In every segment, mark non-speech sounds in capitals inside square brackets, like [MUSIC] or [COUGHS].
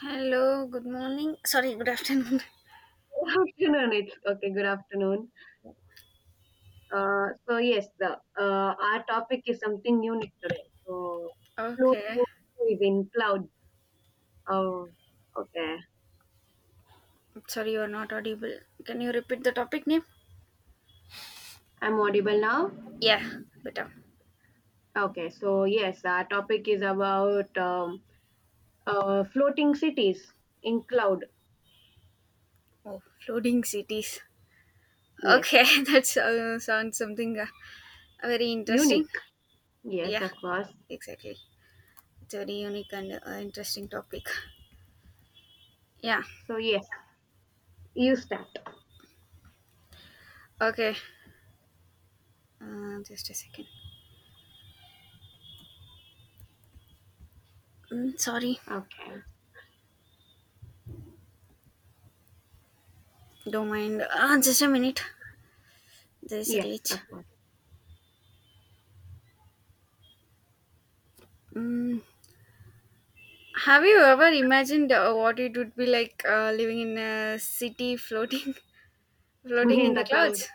Hello, good morning. Sorry, good afternoon. Good afternoon. It's okay. Good afternoon. So yes, our topic is something unique today. So [LAUGHS] Okay. Pluto is in cloud. Oh, okay. Sorry, you are not audible. Can you repeat the topic name? I'm audible now. Yeah, better. Okay. So yes, our topic is about floating cities in cloud. Oh, floating cities. Yes, Okay, [LAUGHS] sounds something very interesting. unique. Yes, Yeah, of course. exactly. It's a very unique and interesting topic. Yeah, So yes, you start. okay. Just a second. Sorry, Okay. don't mind. Just a minute. There is a Yes, glitch. of course. Mm. Have you ever imagined what it would be like living in a city floating, [LAUGHS] [LAUGHS] floating In in the the cloud. clouds?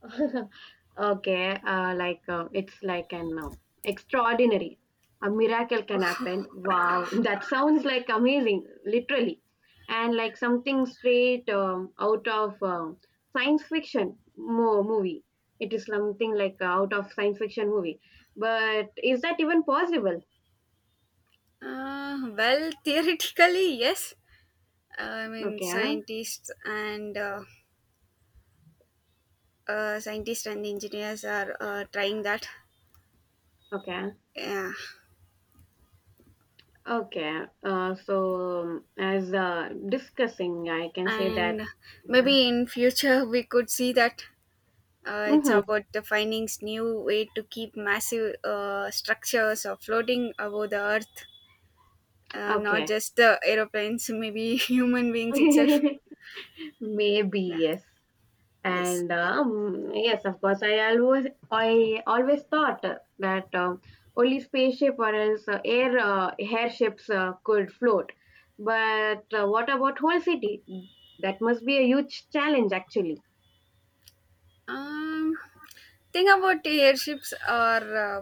[LAUGHS] Okay, it's like an extraordinary, a miracle can happen. Wow, that sounds like amazing, literally, and like something straight out of science fiction movie. It is something like out of science fiction movie. But is that even possible? Well, [LAUGHS] theoretically, yes. I mean, Okay, scientists and engineers are trying that. okay, Yeah, okay. So as discussing, I can say that. and maybe in future [LAUGHS] we could see that it's Hmm, about the findings new way to keep massive structures or floating above the earth, not okay. just the aeroplanes, maybe [LAUGHS] human beings itself. [LAUGHS] Maybe, Yeah, yes. yes. And yes, of course, I always thought that only spaceship or else airships could float. But what about whole city? That must be a huge challenge, actually. um Thing about airships or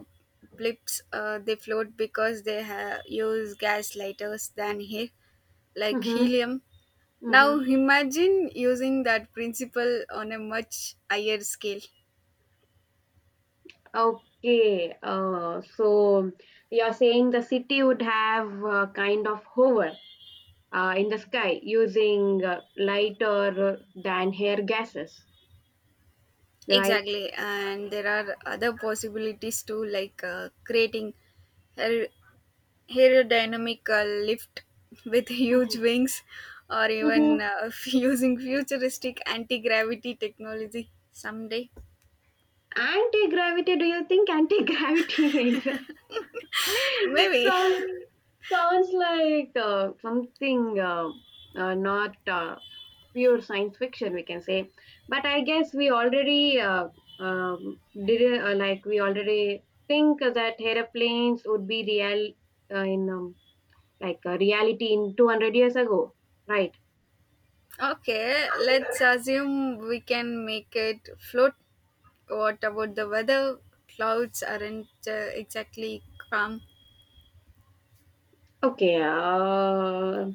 blips, they float because use gas lighters than air, like Mm-hmm, helium. Now mm-hmm. imagine using that principle on a much higher scale. Okay. So you're saying the city would have kind of hover in the sky using lighter than air gases, right? Exactly, and there are other possibilities too, like creating hel- aerodynamic lift with [LAUGHS] huge wings, or Mhm. even [LAUGHS] using futuristic anti-gravity technology someday. Anti-gravity, do you think anti-gravity is [LAUGHS] Maybe. sounds sounds like something not pure science fiction, we can say. But I guess we already um, did it, like we already think that aeroplanes would be real in reality in 200 years ago, right? Okay, let's assume we can make it float. What about the weather? Clouds aren't exactly calm. Okay,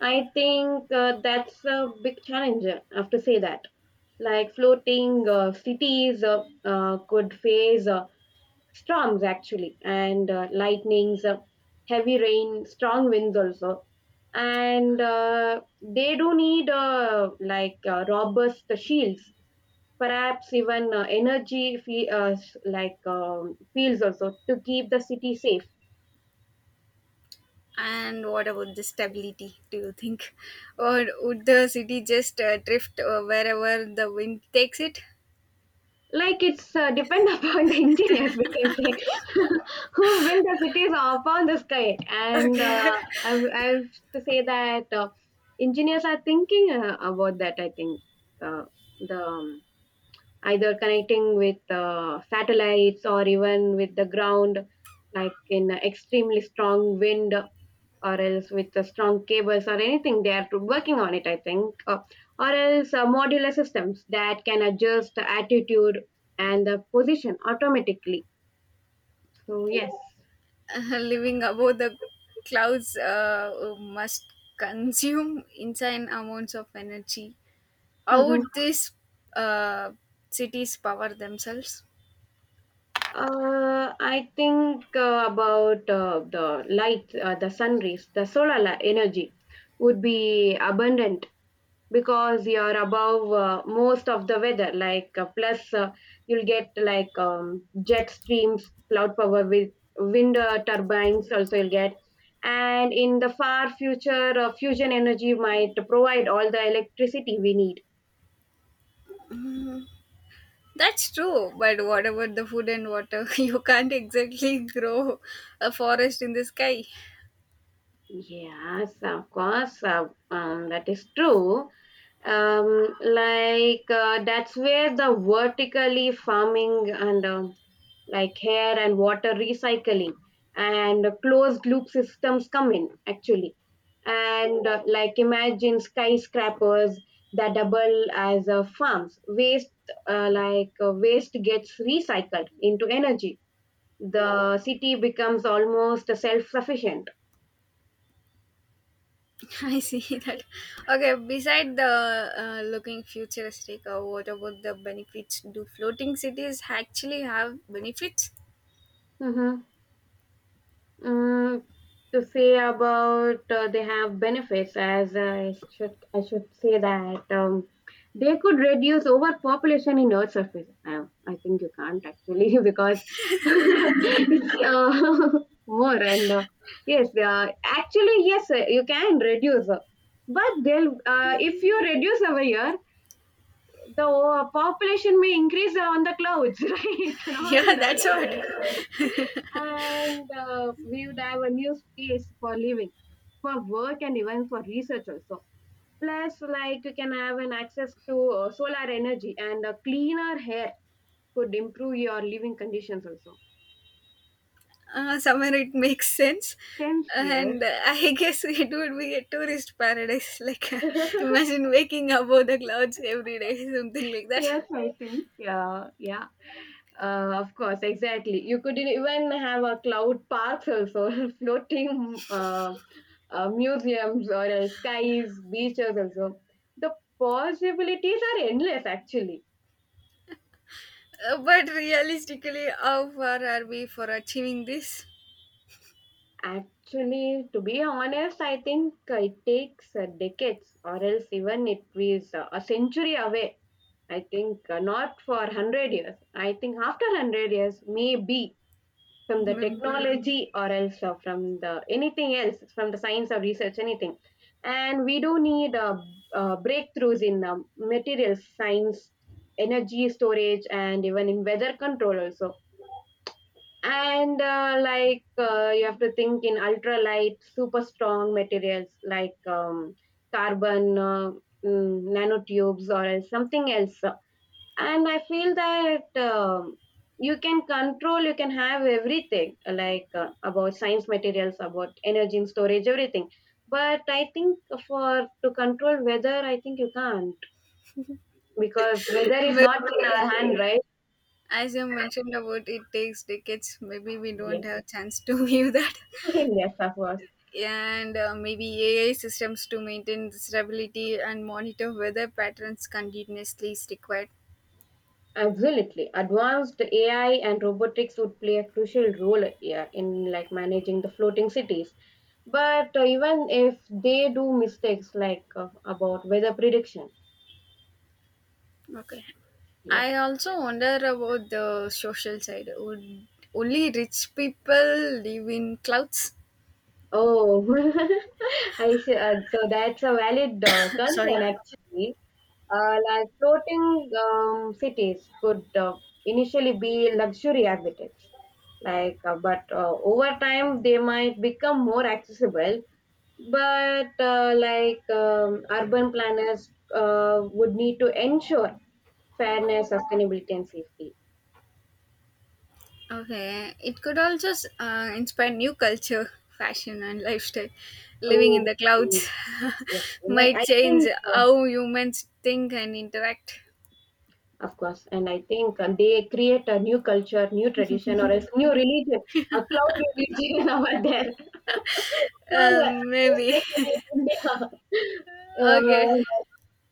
I think that's a big challenge. I have to say that. Like floating cities could face storms actually, and lightnings, heavy rain, strong winds also. And they do need robust shields, perhaps even energy fe- s- like fields also to keep the city safe. And what about the stability, do you think, [LAUGHS] or would the city just drift wherever the wind takes it? Like it's depend [LAUGHS] upon the engineers, we can say, [LAUGHS] who build the cities upon the sky. And Okay. uh, [LAUGHS] I, I have to say that engineers are thinking about that. I think uh, the either connecting with satellites or even with the ground, like in extremely strong wind or else with the strong cables or anything they are working on it, I think or else modular systems that can adjust the attitude and the position automatically. So yes. [LAUGHS] Living above the clouds must consume insane amounts of energy. How Mhm. would these uh, cities power themselves? I think about the sun rays, the solar energy would be abundant because you're above most of the weather, like plus you'll get like jet streams cloud power with wind turbines also you'll get, and in the far future fusion energy might provide all the electricity we need. That's true, but what about the food and water? [LAUGHS] You can't exactly grow a forest in the sky. Yes, of course. That is true. That's where the vertically farming and like air and water recycling and closed loop systems come in actually. And like imagine skyscrapers that double as farms. Waste gets recycled into energy. The city becomes almost self-sufficient. [LAUGHS] I see that. Okay, beside the looking futuristic, what about the benefits? Do floating cities actually have benefits? Mm-hmm. Mm, to say about they have benefits, as I should say that they could reduce overpopulation in Earth's surface. I think you can't actually [LAUGHS] because [LAUGHS] it's [LAUGHS] more and yes, actually yes, you can reduce, but they'll if you reduce over here, the population may increase on the clouds, [LAUGHS] right? [LAUGHS] Not in Yeah, that's what. the. And we would have a new space for living, for work and even for research also. Plus like you can have an access to solar energy, and a cleaner air could improve your living conditions also. Uh, somewhere it makes sense. Sense, yes. And I [LAUGHS] guess it would be a tourist paradise, like [LAUGHS] [LAUGHS] imagine waking above the clouds every day, [LAUGHS] something like that. Yes, I think, yeah, yeah. Of course, exactly. You could even have a cloud parks also, [LAUGHS] floating museums or skies, beaches also. The possibilities are endless actually. But realistically, how far are we for achieving this? Actually, to be honest, I think it takes decades or else even it is a century away. I think not for 100 years. I think after 100 years, maybe from the Mm, technology or else from the anything else from the science or research anything. And we do need breakthroughs in materials science, energy storage and even in weather control also. And you have to think in ultralight super strong materials like carbon uh, nanotubes or else something else. And I feel that you can control, you can have everything like about science materials, about energy and storage everything, but I think for to control weather I think you can't, because weather is not in maybe our hand, right? as you mentioned about it takes decades, maybe we don't Yes. have chance to [LAUGHS] view that. [LAUGHS] Yes, of course. And maybe AI systems to maintain stability and monitor weather patterns continuously is required. Absolutely, advanced AI and robotics would play a crucial role here in like managing the floating cities. But even if they do mistakes like about weather prediction. Okay. Yes. I also wonder about the social side. Would only rich people live in clouds? Oh, [LAUGHS] I see. So that's a valid [COUGHS] concern Sorry. actually. Like floating cities could initially be luxury habitats, like, but over time they might become more accessible. But urban planners would need to ensure fairness, sustainability, and safety. Okay. It could also inspire new culture, [LAUGHS] fashion, and lifestyle. Living in So, the clouds yes, [LAUGHS] well, might I change think. uh, how humans think and interact. Of course, and I think they create a new culture, new tradition, or a new religion, a cloud religion [LAUGHS] over there. So, Maybe. [LAUGHS] especially in India. [LAUGHS] Okay. Uh,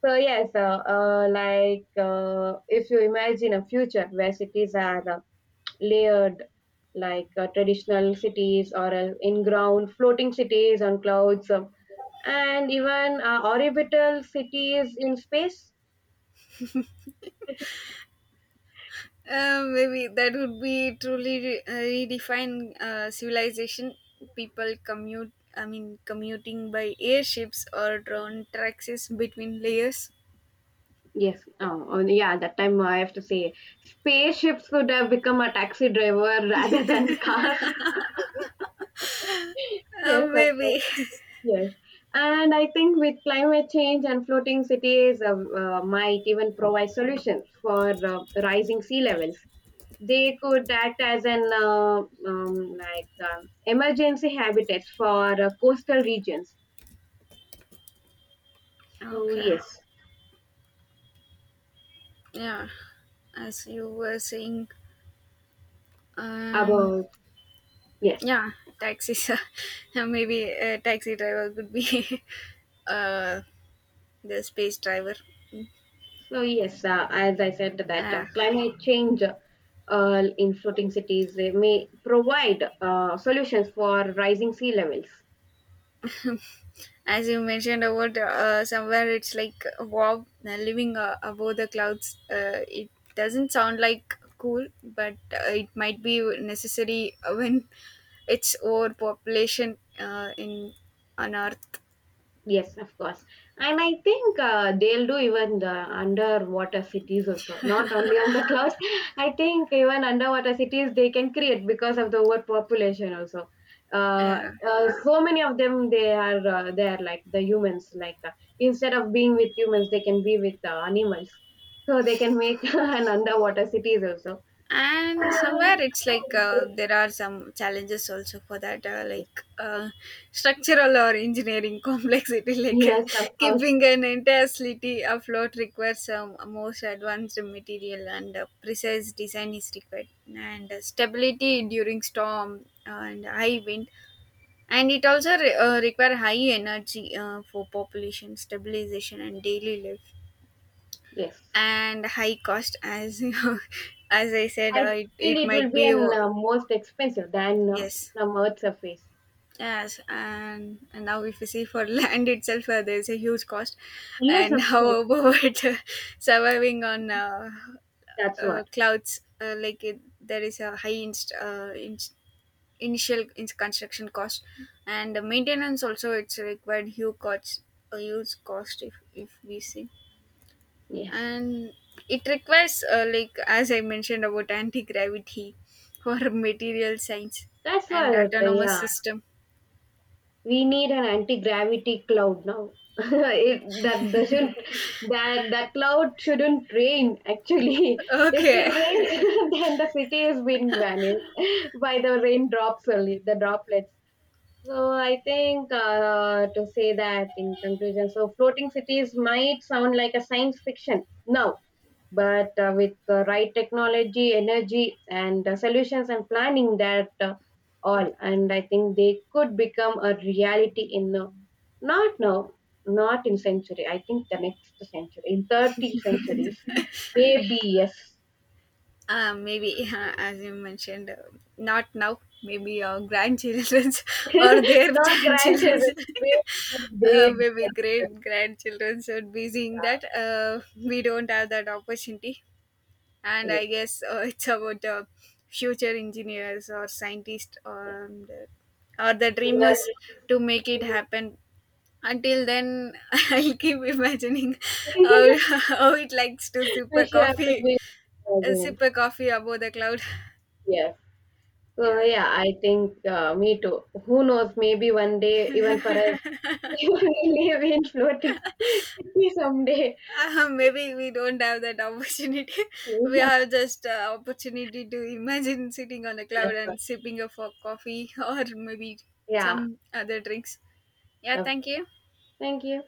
so yes, if you imagine a future where cities are layered, like traditional cities or in-ground floating cities on clouds, and even orbital cities in space. Maybe that would be truly redefine civilization. People commute, I mean, commuting by airships or drone taxis between layers. Yes. Oh, oh, yeah. That time I have to say, spaceships could have become a taxi driver rather than [LAUGHS] cars. Yes, of course. Maybe. [LAUGHS] Yes. And I think with climate change and floating cities might even provide solutions for rising sea levels. They could act as an like emergency habitats for coastal regions. So Okay. yes, Yeah. As you were saying, um, about yes. yeah, taxis. [LAUGHS] Uh, maybe a taxi driver could be [LAUGHS] uh, the space driver. Mm. So yes, as I said that Uh, climate change in floating cities, they may provide solutions for rising sea levels. as you mentioned about somewhere it's like a wow, living above the clouds, it doesn't sound like cool, but it might be necessary [LAUGHS] when it's overpopulation in on earth. Yes, of course. And I think they'll do even the underwater cities also, not only on the [LAUGHS] clouds. I think even underwater cities they can create because of the overpopulation also. Yeah. So many of them they are like the humans like instead of being with humans they can be with animals, so they can make [LAUGHS] an underwater cities also. And somewhere [LAUGHS] it's like, there are some challenges also for that, like uh, structural or engineering [LAUGHS] complexity, like Yes, of course. keeping an entire city afloat requires some most advanced material, and precise design is required, and stability during storm, and high wind, and it also require high energy for population stabilization and daily life, Yes, and high cost. As [LAUGHS] as I said, I it, feel it it will might be be. an most expensive than Yes, from Earth's surface. yes, and now if you see for [LAUGHS] land itself, there is a huge cost, Yes, and [LAUGHS] of how course. about surviving on That's what. clouds? Like it, there is a initial construction cost, and the maintenance also it's required huge cost, a huge cost if we see, Yes, and it requires like as I mentioned about anti gravity for [LAUGHS] material science that's and what. Uh, autonomous yeah, system. we need an anti-gravity cloud now. [LAUGHS] It, that doesn't, that cloud shouldn't rain actually. [LAUGHS] If it Okay. rains, [LAUGHS] then the city is being vanished [LAUGHS] by the raindrops only, the droplets. So I think to say that in conclusion, so floating cities might sound like a science fiction now, but with the right technology, energy and solutions and planning, that all, and I think they could become a reality in not now, not in century, I think the next century, in 30 centuries, [LAUGHS] maybe yes. Maybe, as you mentioned, not now. Maybe your grandchildren's [LAUGHS] or [LAUGHS] their Not grandchildren's, grandchildren, great, [LAUGHS] great maybe grandchildren. great grandchildren should be seeing that. We don't have that opportunity, and Yes, I guess it's about future engineers or scientists, yes. Or the dreamers Because to make it happen. Until then, [LAUGHS] I'll keep imagining [LAUGHS] how, we [LAUGHS] how it likes to should have to be again. sip a coffee above the cloud. Yes. [LAUGHS] Yeah, Yeah, I think me too. Who knows? Maybe one day, even for us, [LAUGHS] we will live in floating [LAUGHS] city someday. Maybe we don't have that opportunity. [LAUGHS] We Yeah, have just opportunity to imagine sitting on a that's cloud all. and sipping a coffee, [LAUGHS] or maybe Yeah, some other drinks. Yeah, of thank course. you. Thank you.